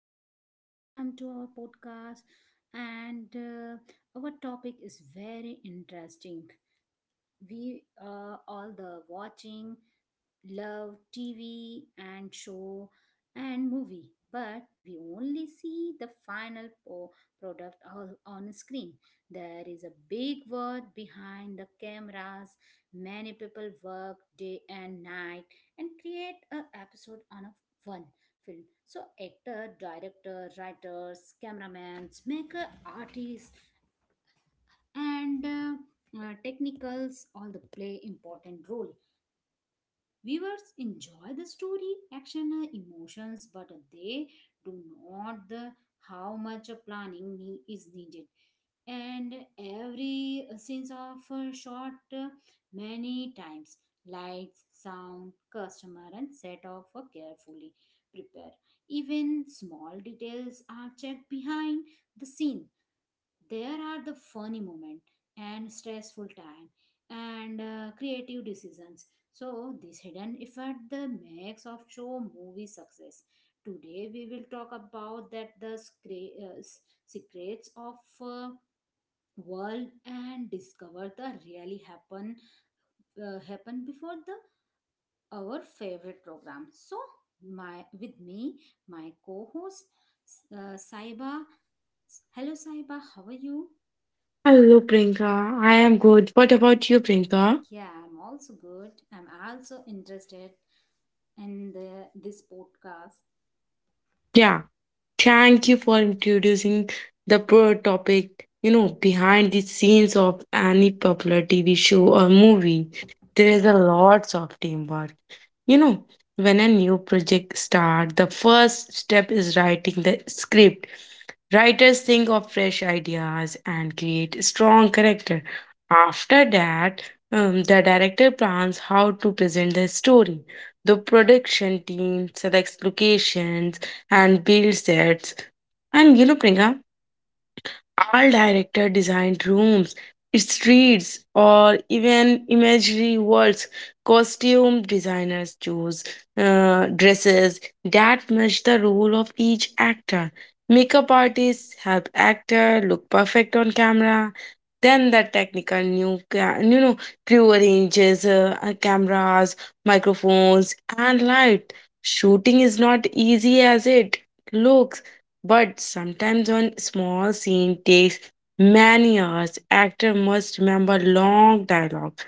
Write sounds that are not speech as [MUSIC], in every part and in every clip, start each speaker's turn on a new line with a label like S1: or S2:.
S1: everyone. Welcome to our podcast. And Our topic is very interesting. We all the watching love TV and show and movie, but we only see the product on screen. There is a big world behind the cameras. Many people work day and night and create a episode on a one film. So actor, director, writers, cameramen, maker, artists, and technicals all the play important role. Viewers enjoy the story, action, and emotions, but they do not the how much planning is needed. And every scenes of shot many times. Lights, sound, customer, and set off carefully. Prepare. Even small details are checked behind the scene. There are the funny moment and stressful time and creative decisions. So this hidden effect the makes of show movie success. Today we will talk about that the secrets of uh, world and discover the really happen before the our favorite program. So my with me, my co-host, Saiba. Hello, Saiba, how are you?
S2: Hello, Priyanka. I am good. What about you, Priyanka?
S1: Yeah, I'm also good. I'm also interested in the this podcast.
S2: Yeah, thank you for introducing the pro topic, you know, behind the scenes of any popular TV show or movie. There is a lots of teamwork. You know, when a new project starts, the first step is writing the script. Writers think of fresh ideas and create strong character. After that, the director plans how to present the story. The production team selects locations and builds sets. And you know, Priyanka, all director designed rooms, streets, or even imaginary worlds. Costume designers chose dresses that match the role of each actor. Makeup artists help actor look perfect on camera. Then the you know, crew arranges cameras, microphones, and light. Shooting is not easy as it looks, but sometimes one small scene takes many hours. Actor must remember long dialogue.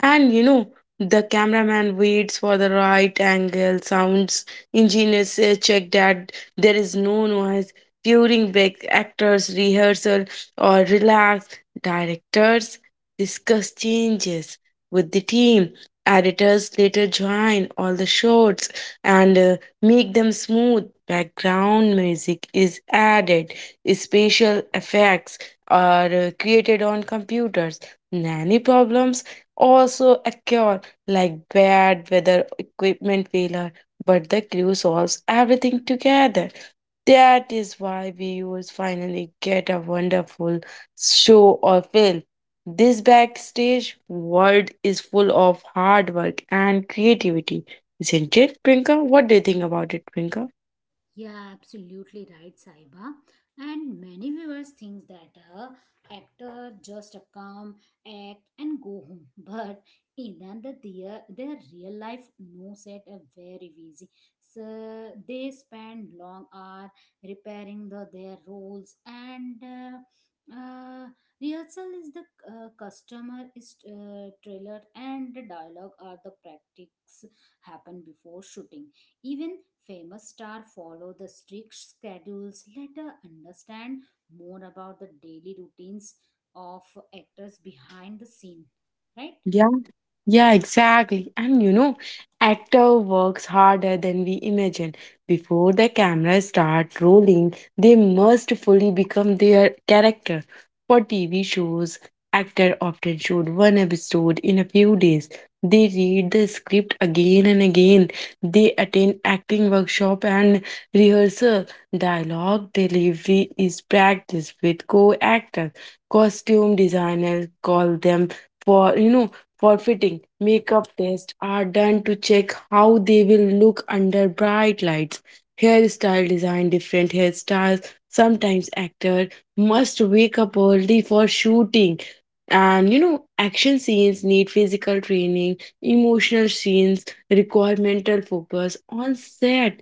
S2: And you know, the cameraman waits for the right angle, sounds engineers check that there is no noise. During break, actors rehearsal or relax. Directors discuss changes with the team. Editors later join all the shots and make them smooth. Background music is added, special effects are created on computers. Nanny problems also occur, like bad weather, equipment failure, but the crew solves everything together. That is why viewers finally get a wonderful show or film. This backstage world is full of hard work and creativity, isn't it, Prinka? What do you think about it, Trinka?
S1: Yeah, absolutely right, Saiba. And many viewers think that actor just come, act, and go home. [LAUGHS] But in their real life no set are very busy. So they spend long hour repairing their roles and. uh, rehearsal is the customer is trailer and the dialogue are the practice happen before shooting, even famous stars follow the strict schedules. Let us understand more about the daily routines of actors behind the scene, right?
S2: Yeah, exactly. And you know, actor works harder than we imagine. Before the cameras start rolling, they must fully become their character. For TV shows, actor often shoot one episode in a few days. They read the script again and again. They attend acting workshop and rehearsal. Dialogue delivery is practiced with co-actors. Costume designers call them for, you know, Forfeiting makeup tests are done to check how they will look under bright lights. Hairstyle design different hairstyles. Sometimes actor must wake up early for shooting. And you know, action scenes need physical training, emotional scenes require mental focus on set.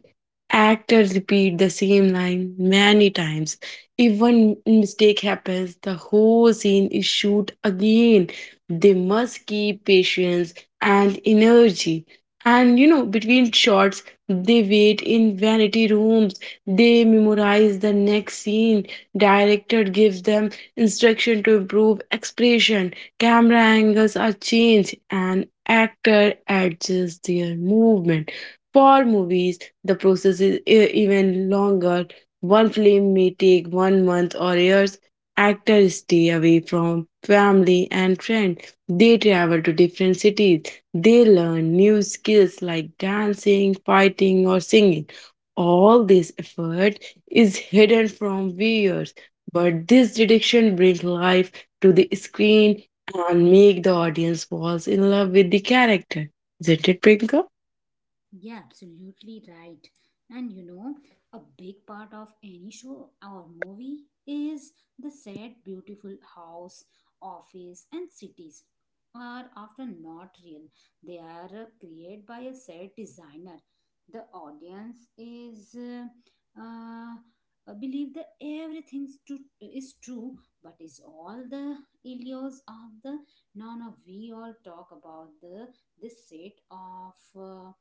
S2: Actors repeat the same line many times. If one mistake happens, the whole scene is shoot again. They must keep patience and energy. And you know, between shots, they wait in vanity rooms. They memorize the next scene. Director gives them instruction to improve expression. Camera angles are changed, and actor adjusts their movement. For movies, the process is even longer. One film may take one month or years. Actors stay away from family and friends. They travel to different cities. They learn new skills like dancing, fighting, or singing. All this effort is hidden from viewers, but this dedication brings life to the screen and make the audience falls in love with the character. Isn't it, Priyanka?
S1: Yeah, absolutely right. And you know, a big part of any show or movie is the set. Beautiful house, office, and cities are often not real. They are created by a set designer. The audience is believe that everything's true is true, but is all the illusions of the no no. We all talk about the this set of. Uh,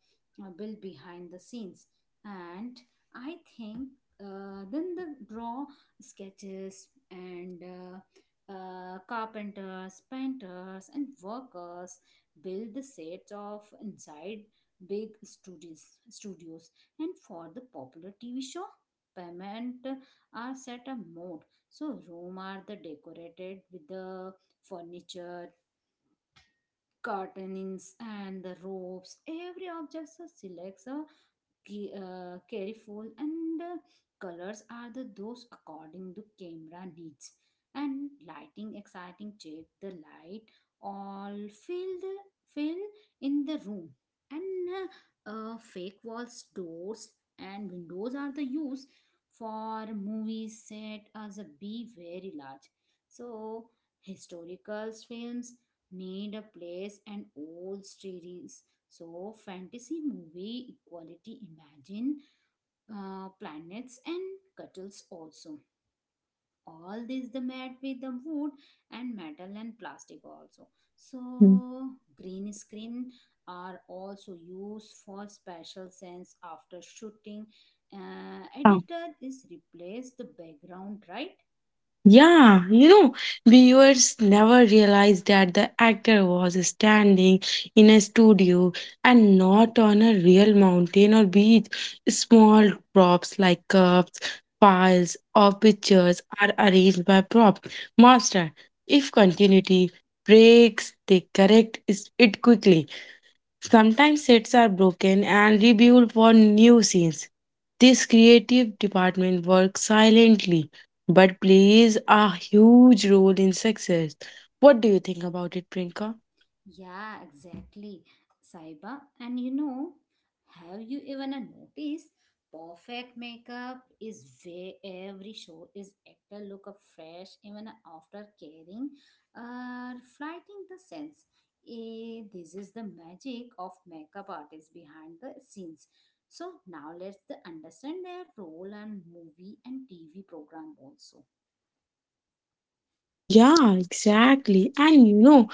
S1: uh, built behind the scenes, and I think then the draw sketches and carpenters, painters, and workers build the sets of inside big studios and for the popular TV show payment are set a mode. So room are the decorated with the furniture, curtains, and the ropes. Every object selects a careful and colors are the those according to camera needs, and lighting exciting check the light all fill the fill in the room. And fake walls, doors, and windows are the use for movies set as a be very large. So historical films need a place and old story. So fantasy movie equality imagine planets and cuttles also. All this the mat with the wood and metal and plastic also.
S2: Mm.
S1: So green screen are also used for special sense. After shooting, editor is replace the background, right?
S2: Yeah, you know, viewers never realized that the actor was standing in a studio and not on a real mountain or beach. Small props like cups, files, or pictures are arranged by prop master. If continuity breaks, they correct it quickly. Sometimes sets are broken and rebuilt for new scenes. This creative department works silently but plays a huge role in success. What do you think about it, Prinka?
S1: Yeah, exactly, Saiba. And you know, have you even a notice? Perfect makeup is where every show is actor look up fresh even after caring or fighting the sense. Eh, this is the magic of makeup artists behind the scenes. So now let's the understand their role and movie and TV program also.
S2: Yeah, exactly. And you know,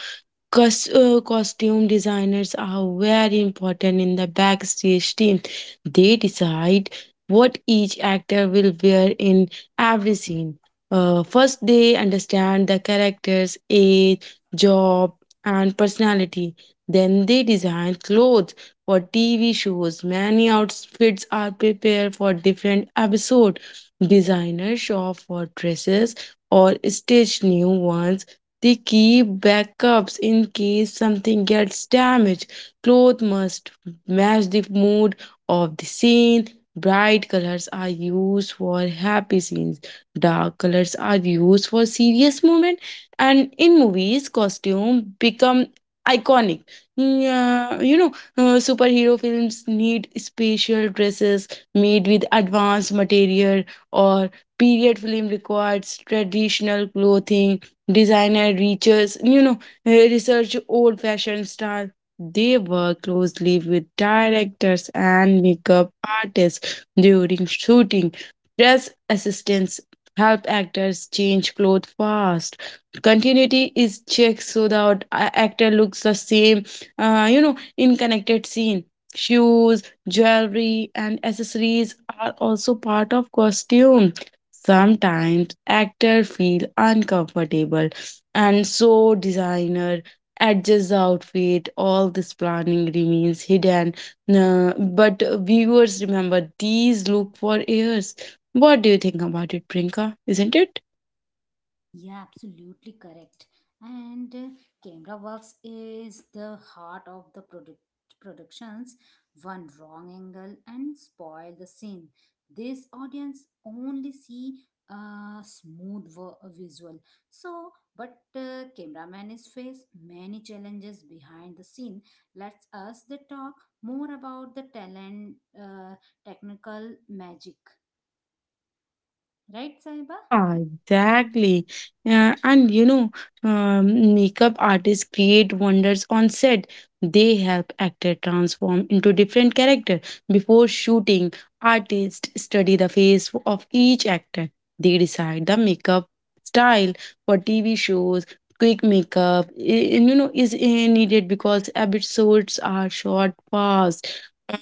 S2: Costume designers are very important in the backstage team. They decide what each actor will wear in every scene. First, they understand the character's age, job, and personality. Then they design clothes for TV shows. Many outfits are prepared for different episodes. Designers shop for dresses or stitch new ones. They keep backups in case something gets damaged. Clothes must match the mood of the scene. Bright colors are used for happy scenes. Dark colors are used for serious moments. And in movies, costume become iconic. Yeah, you know, superhero films need special dresses made with advanced material, or period film requires traditional clothing. Designer reaches, you know, research old fashioned style. They work closely with directors and makeup artists during shooting. Dress assistants help actors change clothes fast. Continuity is checked so that actor looks the same, you know, in connected scene. Shoes, jewelry, and accessories are also part of costumes. Sometimes actors feel uncomfortable and so designer adjusts the outfit. All this planning remains hidden. Nah, but viewers remember these look for years. What do you think about it, Prinka? Isn't it?
S1: Yeah, absolutely correct. And Camera Works is the heart of the productions. One wrong angle and spoil the scene. This audience only see a smooth visual. So, but cameraman is face many challenges behind the scene. Let's us the talk more about the talent, uh, technical magic, right, Saiba?
S2: Yeah, exactly. Yeah, and you know, makeup artists create wonders on set. They help actor transform into different character. Before shooting, artists study the face of each actor. They decide the makeup style for TV shows. Quick makeup, you know, is needed because episodes are short, fast.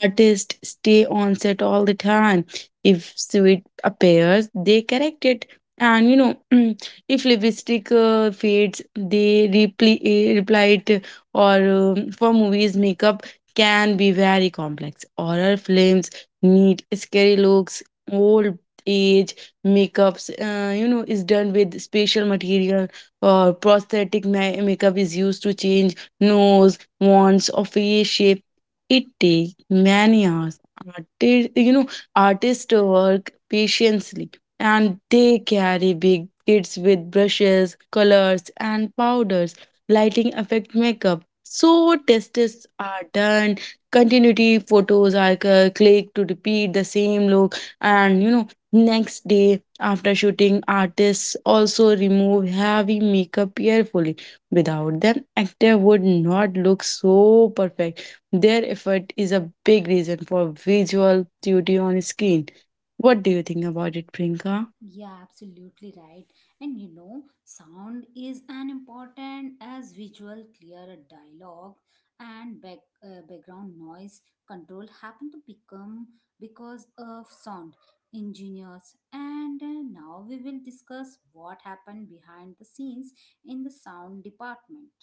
S2: Artists stay on set all the time. If sweet appears, they correct it. And you know, [CLEARS THROAT] if lipstick fades, they reply it. Or for movies, makeup can be very complex. Horror films need scary looks, old age makeups, you know, is done with special material, or prosthetic makeup is used to change nose wants or face shape. It takes many hours. Artists, artists work patiently, and they carry big kits with brushes, colors, and powders. Lighting affect makeup. So tests are done, continuity photos are clicked to repeat the same look, and you know, next day after shooting, artists also remove heavy makeup carefully. Without them, actor would not look so perfect. Their effort is a big reason for visual beauty on screen. What do you think about it, Priyanka?
S1: Yeah, absolutely right. And you know, sound is an important as visual. Clear dialogue and background noise control happen to become because of sound engineers. And Now we will discuss what happened behind the scenes in the sound department.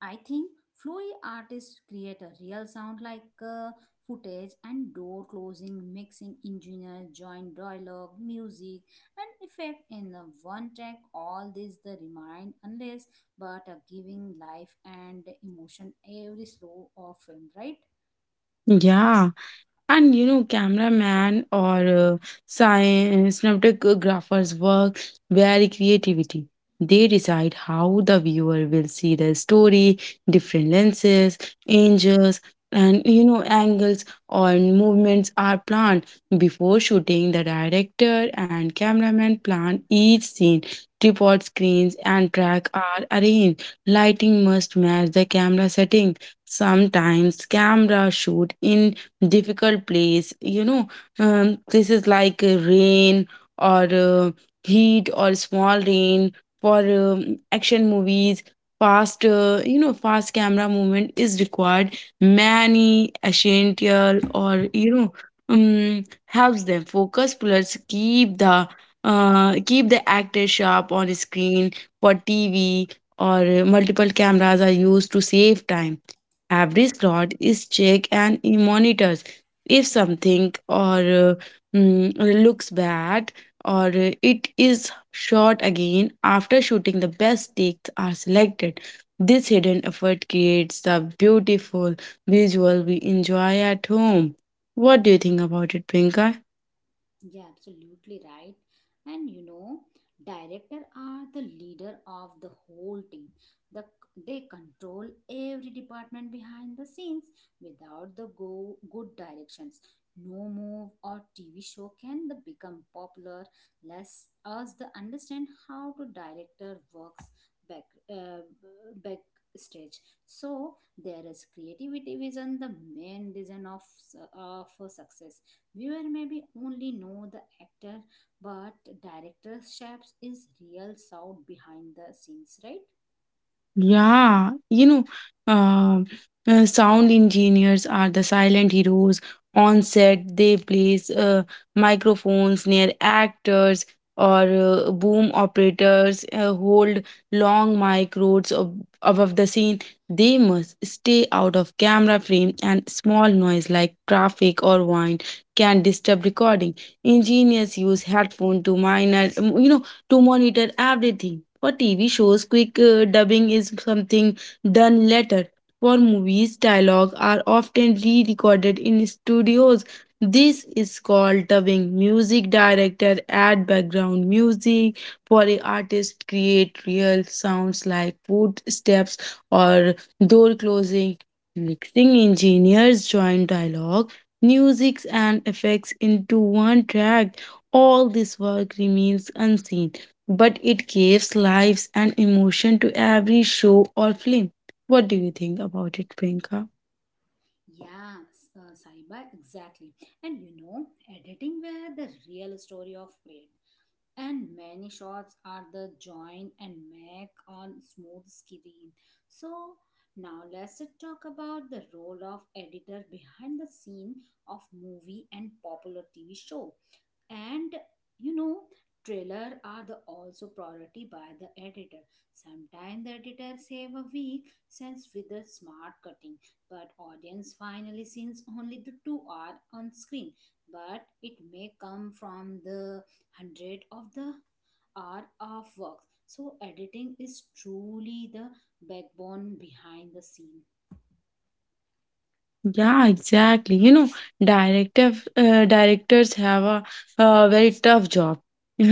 S1: I think Flowy artists create a real sound like footage and door closing, mixing engineer, joint dialogue, music, and effect in the one track. All this the remind unless but are giving life and emotion every slow of film, right?
S2: Yeah. And you know, cameraman or cinematographer's work very creativity. They decide how the viewer will see the story, different lenses, angles, and you know, angles or movements are planned before shooting. The director and cameraman plan each scene. Tripod screens and track are arranged. Lighting must match the camera setting. Sometimes camera shoot in difficult place, you know, places like rain or heat or small rain. For action movies, fast you know, fast camera movement is required. Many essential, or you know, helps them focus plus keep the keep the actor sharp on screen. For tv or multiple cameras are used to save time. Every slot is checked and it monitors. If something or mm, looks bad or it is shot again. After shooting, the best takes are selected. This hidden effort creates the beautiful visual we enjoy at home. What do you think about it, Priyanka?
S1: Yeah, absolutely right. And you know, director are the leader of the whole team. The, they control every department behind the scenes. Without good directions, no move or TV show can the become popular. Less us the understand how to director works back uh, back stage. So there is creativity vision, the main reason of of success. Viewer maybe only know the actor, but director shapes is real sound behind the scenes, right?
S2: Yeah, you know, um, sound engineers are the silent heroes on set. They place microphones near actors, or boom operators hold long mic roads above the scene. They must stay out of camera frame, and small noise like traffic or wind can disturb recording. Engineers use headphone to minor, you know to monitor everything. For TV shows, quick dubbing is something done later. For movies, dialogue are often re recorded in studios. This is called dubbing. Music director add background music, for a artist create real sounds like footsteps or door closing. Mixing engineers join dialogue, music, and effects into one track. All this work remains unseen but it gives lives and emotion to every show or film. What do you think about it, Priyanka?
S1: Yeah, Saiba, exactly. And you know, editing where the real story of create. And many shots are the join and make on smooth screen. So now let's talk about the role of editor behind the scene of movie and popular TV show. And you know, trailer are the also priority by the editor. Sometimes the editor save a week since with the smart cutting, but audience finally sees only the two are on screen, but it may come from the hundred of the hour of work. So editing is truly the backbone behind the scene.
S2: Yeah, exactly. You know, director directors have a very tough job. [LAUGHS]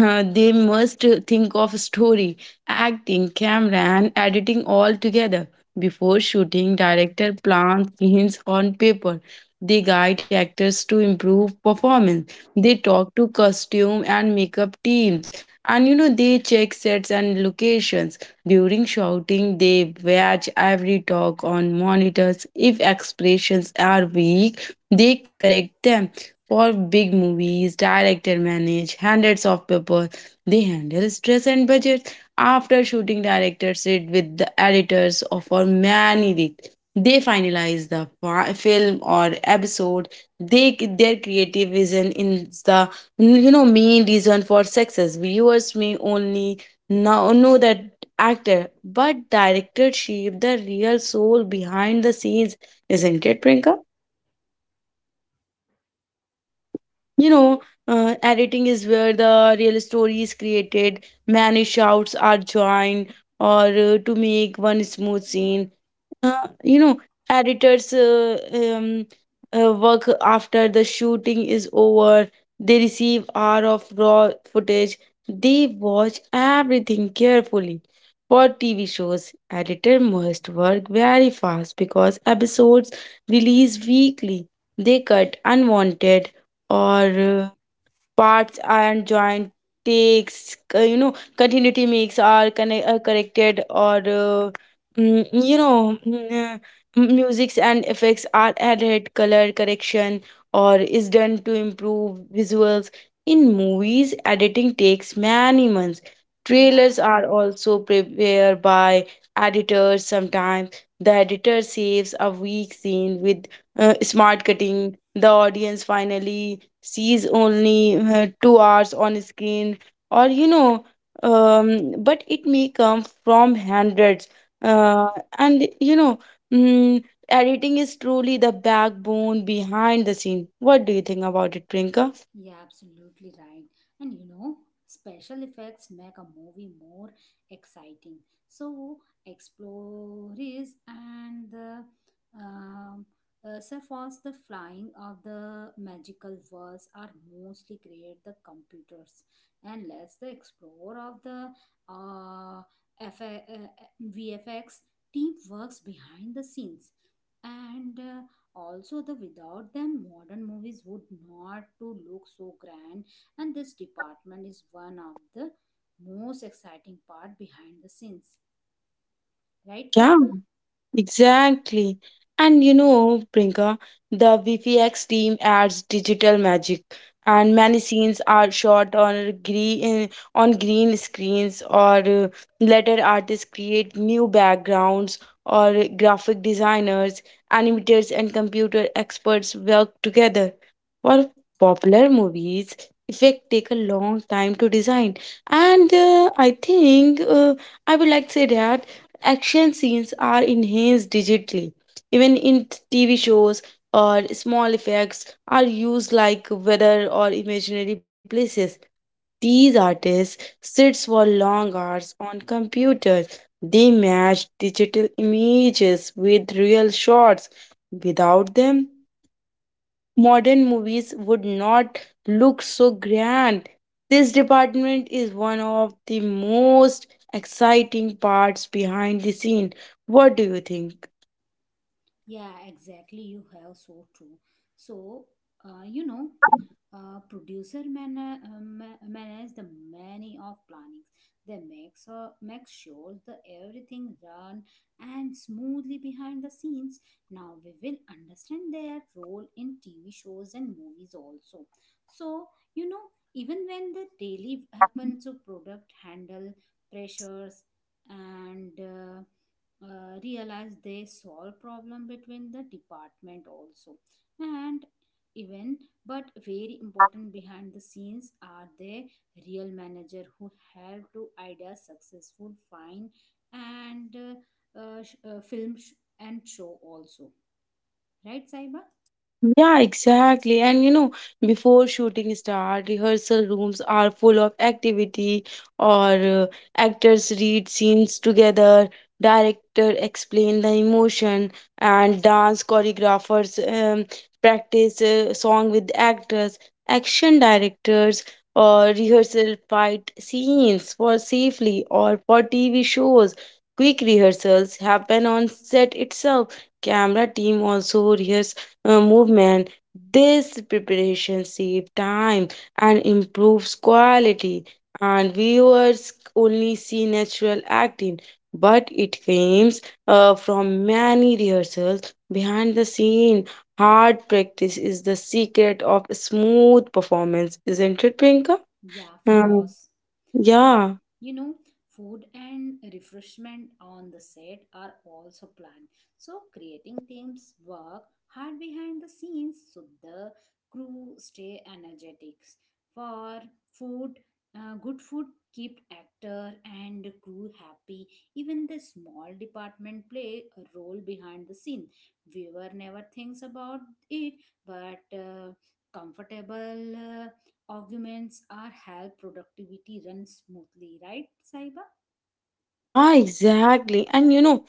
S2: They must think of story, acting, camera, and editing all together. Before shooting, director plans scenes on paper. They guide actors to improve performance. They talk to costume and makeup teams, and you know they check sets and locations. During shouting, they watch every talk on monitors. If expressions are weak, they correct them. For big movies, director manage hundreds of people. They handle stress and budget. After shooting, directors sit with the editors for many weeks. They finalize the film or episode. They their creative vision is the, you know, main reason for success. Viewers may only now know that actor, but director shape the real soul behind the scenes, isn't it, Prinka? you know Editing is where the real story is created. Many shouts are joined or to make one smooth scene. uh, you know Editors work after the shooting is over. They receive hour of raw footage. They watch everything carefully. For TV shows, editor must work very fast because episodes release weekly. They cut unwanted or uh, parts and joint takes. Continuity makes are corrected, or mm, you know mm, musics and effects are added. Color correction or is done to improve visuals. In movies, editing takes many months.
S1: Yeah
S2: Trailers are also prepared by editors sometimes. The editor saves a weak scene with smart cutting. The audience finally sees only 2 hours on screen, or you know but it may come from hundreds. Uh, and you know mm, Editing is truly the backbone behind the scene. What do you think about it, Prinka?
S1: Yeah, absolutely right. And you know, special effects make a movie more exciting. So explorers and the um, surface the flying of the magical worlds are mostly create the computers, and lets the explore of the uh, F- uh, VFX team works behind the scenes, and also the without them modern movies would not to look so grand. And this department is one of the most exciting part behind the scenes, right,
S2: Yeah,
S1: Saiba?
S2: exactly. And you know, Prinka, the VFX team adds digital magic, and many scenes are shot on green screens, or later artists create new backgrounds, or graphic designers, animators, and computer experts work together. For popular movies, effect take a long time to design, and I would like to say that action scenes are enhanced digitally. Even in TV shows or small effects are used like weather or imaginary places. These artists sits for long hours on computers. They match digital images with real shots. Without them, modern movies would not look so grand. This department is one of the most exciting parts behind the scene. What do you think?
S1: Yeah, exactly. You have so true. So, you know, producer manage the many of plannings. They make sure the everything run and smoothly behind the scenes. Now we will understand their role in TV shows and movies also. So you know, even when the daily happen to product handle pressures and realize they solve problem between the department also, and even but very important behind the scenes are the real manager who help to idea successful fine, and film and show also, right, Saiba?
S2: Yeah, exactly. And you know, before shooting start, rehearsal rooms are full of activity, or actors read scenes together, director explain the emotion, and dance choreographers practice song with actors, action directors or rehearsal fight scenes for safely or for TV shows. Quick rehearsals happen on set itself. Camera team also rehears movement. This preparation saves time and improves quality, and viewers only see natural acting, but it comes from many rehearsals behind the scene. Hard practice is the secret of smooth performance, isn't it, Pinka?
S1: Yeah, of
S2: Um,
S1: course. And
S2: yeah,
S1: you know, food and refreshment on the set are also planned. So creating teams work hard behind the scenes so the crew stay energetic. For food, good food keep actor and crew happy. Even the small department play a role behind the scene. Viewer never thinks about it, but comfortable uh, arguments are help productivity run smoothly, right, Saiba?
S2: yeah, exactly. And you know,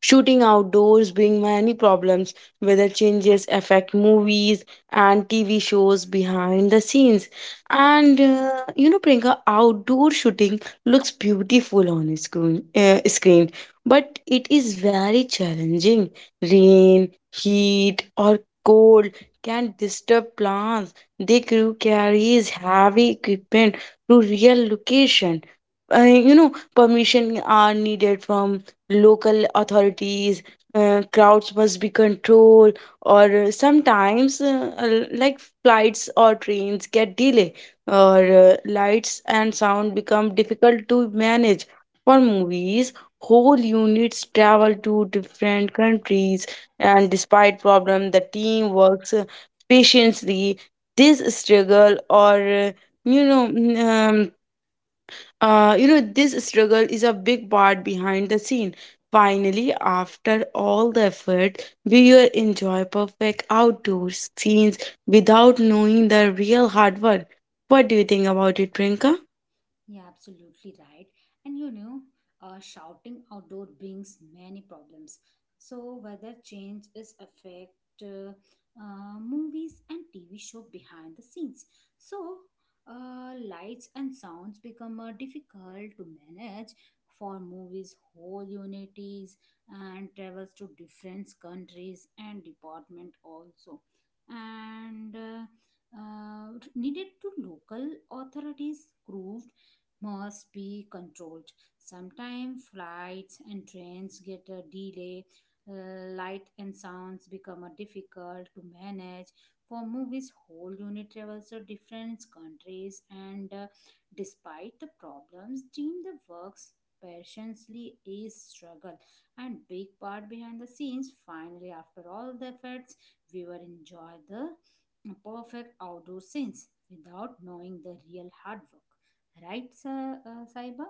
S2: shooting outdoors brings many problems. Weather changes affect movies and TV shows behind the scenes. And you know, Priyanka, outdoor shooting looks beautiful on a screen, but it is very challenging. Rain, heat, or cold can disturb plans. The crew carries heavy equipment to real location. You know, permission are needed from local authorities. Crowds must be controlled, or sometimes like flights or trains get delay, or lights and sound become difficult to manage. For movies, whole units travel to different countries, and despite problem the team works patiently. This struggle or you know mm, you know, This struggle is a big part behind the scene. Finally, after all the effort, we will enjoy perfect outdoor scenes without knowing the real hard work. What do you think about it, Priyanka?
S1: Yeah, absolutely right. And you know, shouting outdoor brings many problems. So weather change is affect movies and TV show behind the scenes. So lights and sounds become difficult to manage for movies. Whole unities and travels to different countries and department also, and needed to local authorities crew must be controlled. Sometimes flights and trains get a delay, light and sounds become a difficult to manage. For movies, whole unit travels to different countries, and despite the problems, team the works patiently is struggle and big part behind the scenes. Finally, after all the efforts, viewer enjoy the perfect outdoor scenes without knowing the real hard work. Right, Saiba?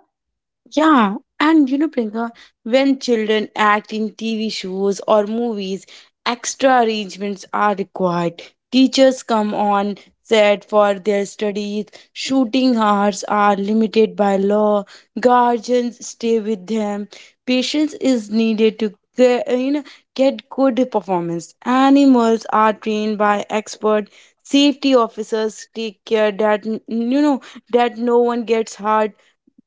S2: Yeah, and you know, Priyanka, when children act in TV shows or movies, extra arrangements are required. Teachers come on set for their studies, shooting hours are limited by law, guardians stay with them, patience is needed to get good performance. Animals are trained by expert, safety officers take care that know that no one gets hurt,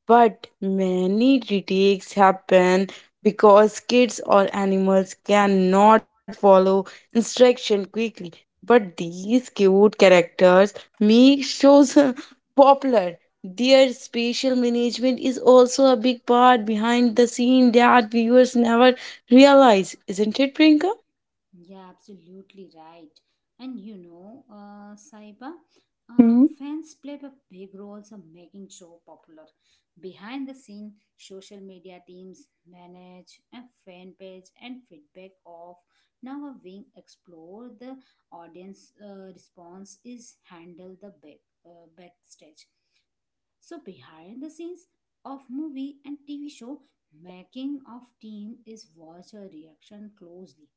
S2: but many retakes happen because kids or animals cannot follow instruction quickly. But these cute characters make shows [LAUGHS] popular. Their spatial management is also a big part behind the scene that viewers never realize, isn't it, Prinka?
S1: Yeah, absolutely right. And you know, Saiba, fans play a big role in making show popular. Behind the scene, social media teams manage a fan page and feedback of now a wing explore the audience response is handled the backstage. So behind the scenes of movie and TV show, making of team is watch a reaction closely.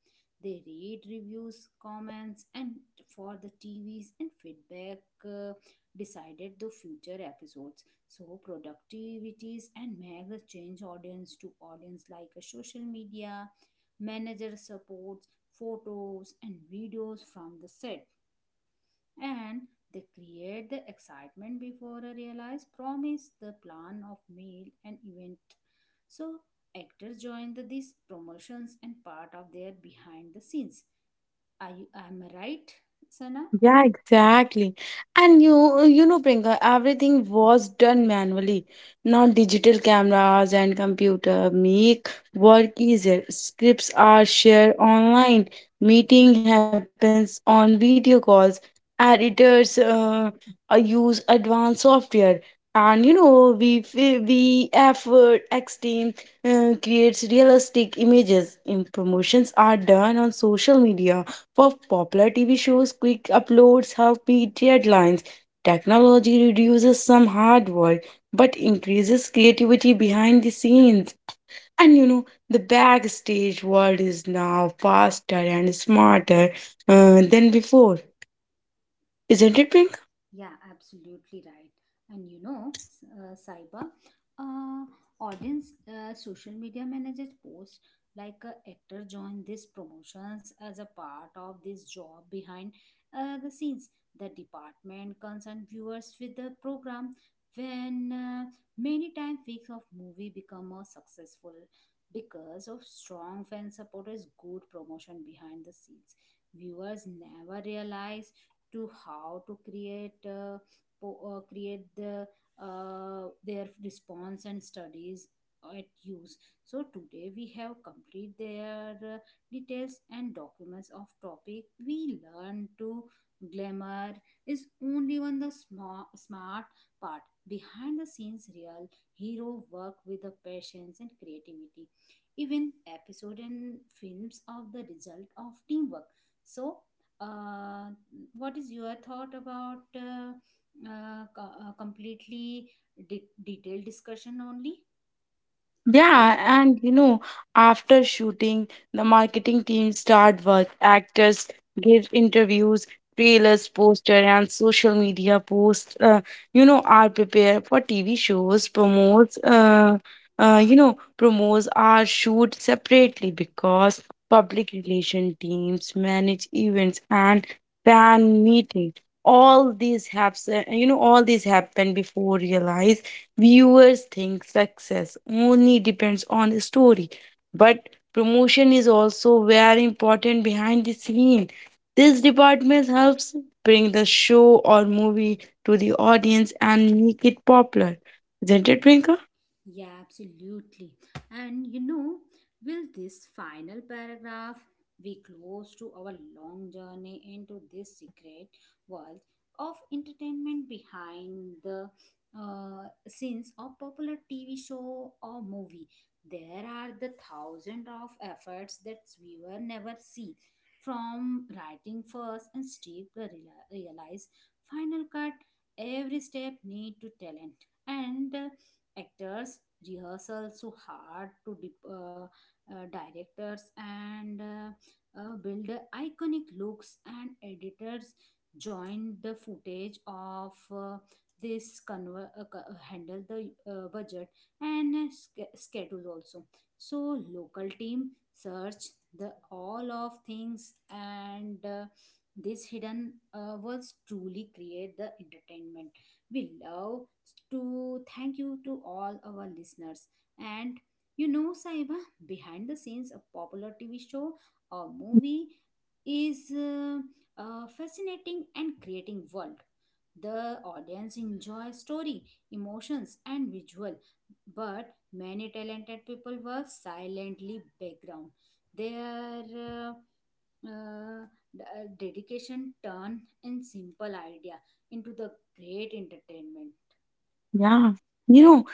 S1: They read reviews, comments, and for the TVs and feedback uh, decided the future episodes. So productivities and make the change audience to audience like a social media, manager supports, photos and videos from the set, and they create the excitement before a realized promise the plan of meal and event. So actors join these promotions and part of their behind the scenes. Are you, am I right, Sana?
S2: Yeah, exactly. And you know, Prinka, everything was done manually. Now digital cameras and computer make work easier. Scripts are shared online. Meeting happens on video calls. Editors use advanced software. And you know, we effort X team creates realistic images. And promotions are done on social media for popular TV shows, quick uploads have beat deadlines. Technology reduces some hard work but increases creativity behind the scenes. And you know, the backstage world is now faster and smarter than before, isn't it, Pink?
S1: Yeah, absolutely right. And you know, Saiba, uh, audience social media managers post like a actor joined these promotions as a part of this job behind the scenes. The department concerned viewers with the program when many times weeks of movie become more successful because of strong fan support is good promotion behind the scenes. Viewers never realize to how to create create the their response and studies at use. So today we have complete their details and documents of topic we learn to glamour is only one the smart part behind the scenes. Real hero work with the patience and creativity, even episode and films of the result of teamwork. So uh, what is your thought about completely detailed discussion only?
S2: Yeah, and you know, after shooting, the marketing team start work. Actors give interviews, trailers, poster, and social media posts. Are prepared for TV shows. Promos are shoot separately because public relation teams manage events and fan meetings. All these happen before realize. Viewers think success only depends on the story, but promotion is also very important behind the scene. This department helps bring the show or movie to the audience and make it popular. Isn't it, Prinka?
S1: Yeah, absolutely. And you know, will this final paragraph, be close to our long journey into this secret world of entertainment behind the scenes of popular TV show or movie. There are the thousands of efforts that viewer never see. From writing first and Steve realize final cut, every step need to talent and actors rehearsal so hard to directors and build iconic looks, and editors join the footage of handle the budget and schedule also. So local team search the all of things, and this hidden was truly create the entertainment we love. To thank you to all our listeners. And you know, Saiba, behind the scenes, a popular TV show or movie is a fascinating and creating world. The audience enjoy story, emotions, and visual, but many talented people work silently background. Their uh, dedication turn in simple idea into the great entertainment,
S2: Yeah. You know,
S1: right?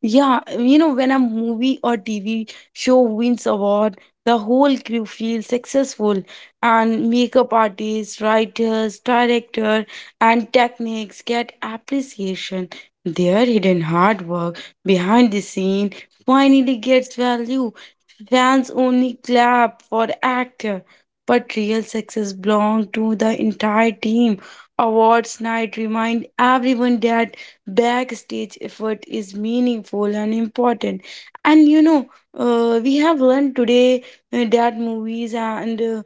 S2: Yeah, you know, when a movie or TV show wins award, the whole crew feels successful and makeup artists, writers, director and techniques get appreciation. Their hidden hard work behind the scene finally gets value. Fans only clap for actor, but real success belongs to the entire team. Awards night remind everyone that backstage effort is meaningful and important. And you know We have learned today that movies and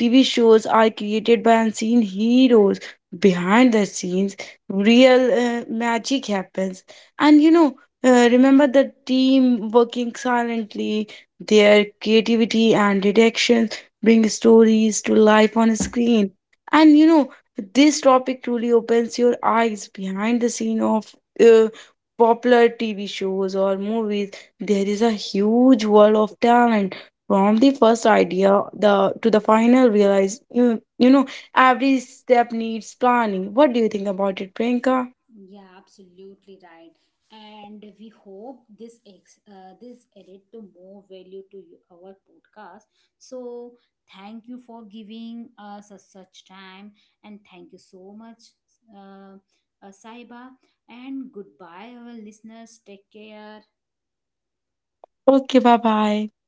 S2: TV shows are created by unseen heroes behind the scenes. Real magic happens. And you know Remember the team working silently. Their creativity and directions bring stories to life on screen. And you know This topic truly opens your eyes behind the scene of uh, popular TV shows or movies. There is a huge world of talent from the first idea the to the final realize. Every step needs planning. What do you think about it, Priyanka?
S1: Yeah, absolutely right. And we hope this ex this added to more value to you, our podcast. So thank you for giving us a such time, and thank you so much, uh, Saiba. And goodbye, our listeners. Take care.
S2: Okay, bye bye.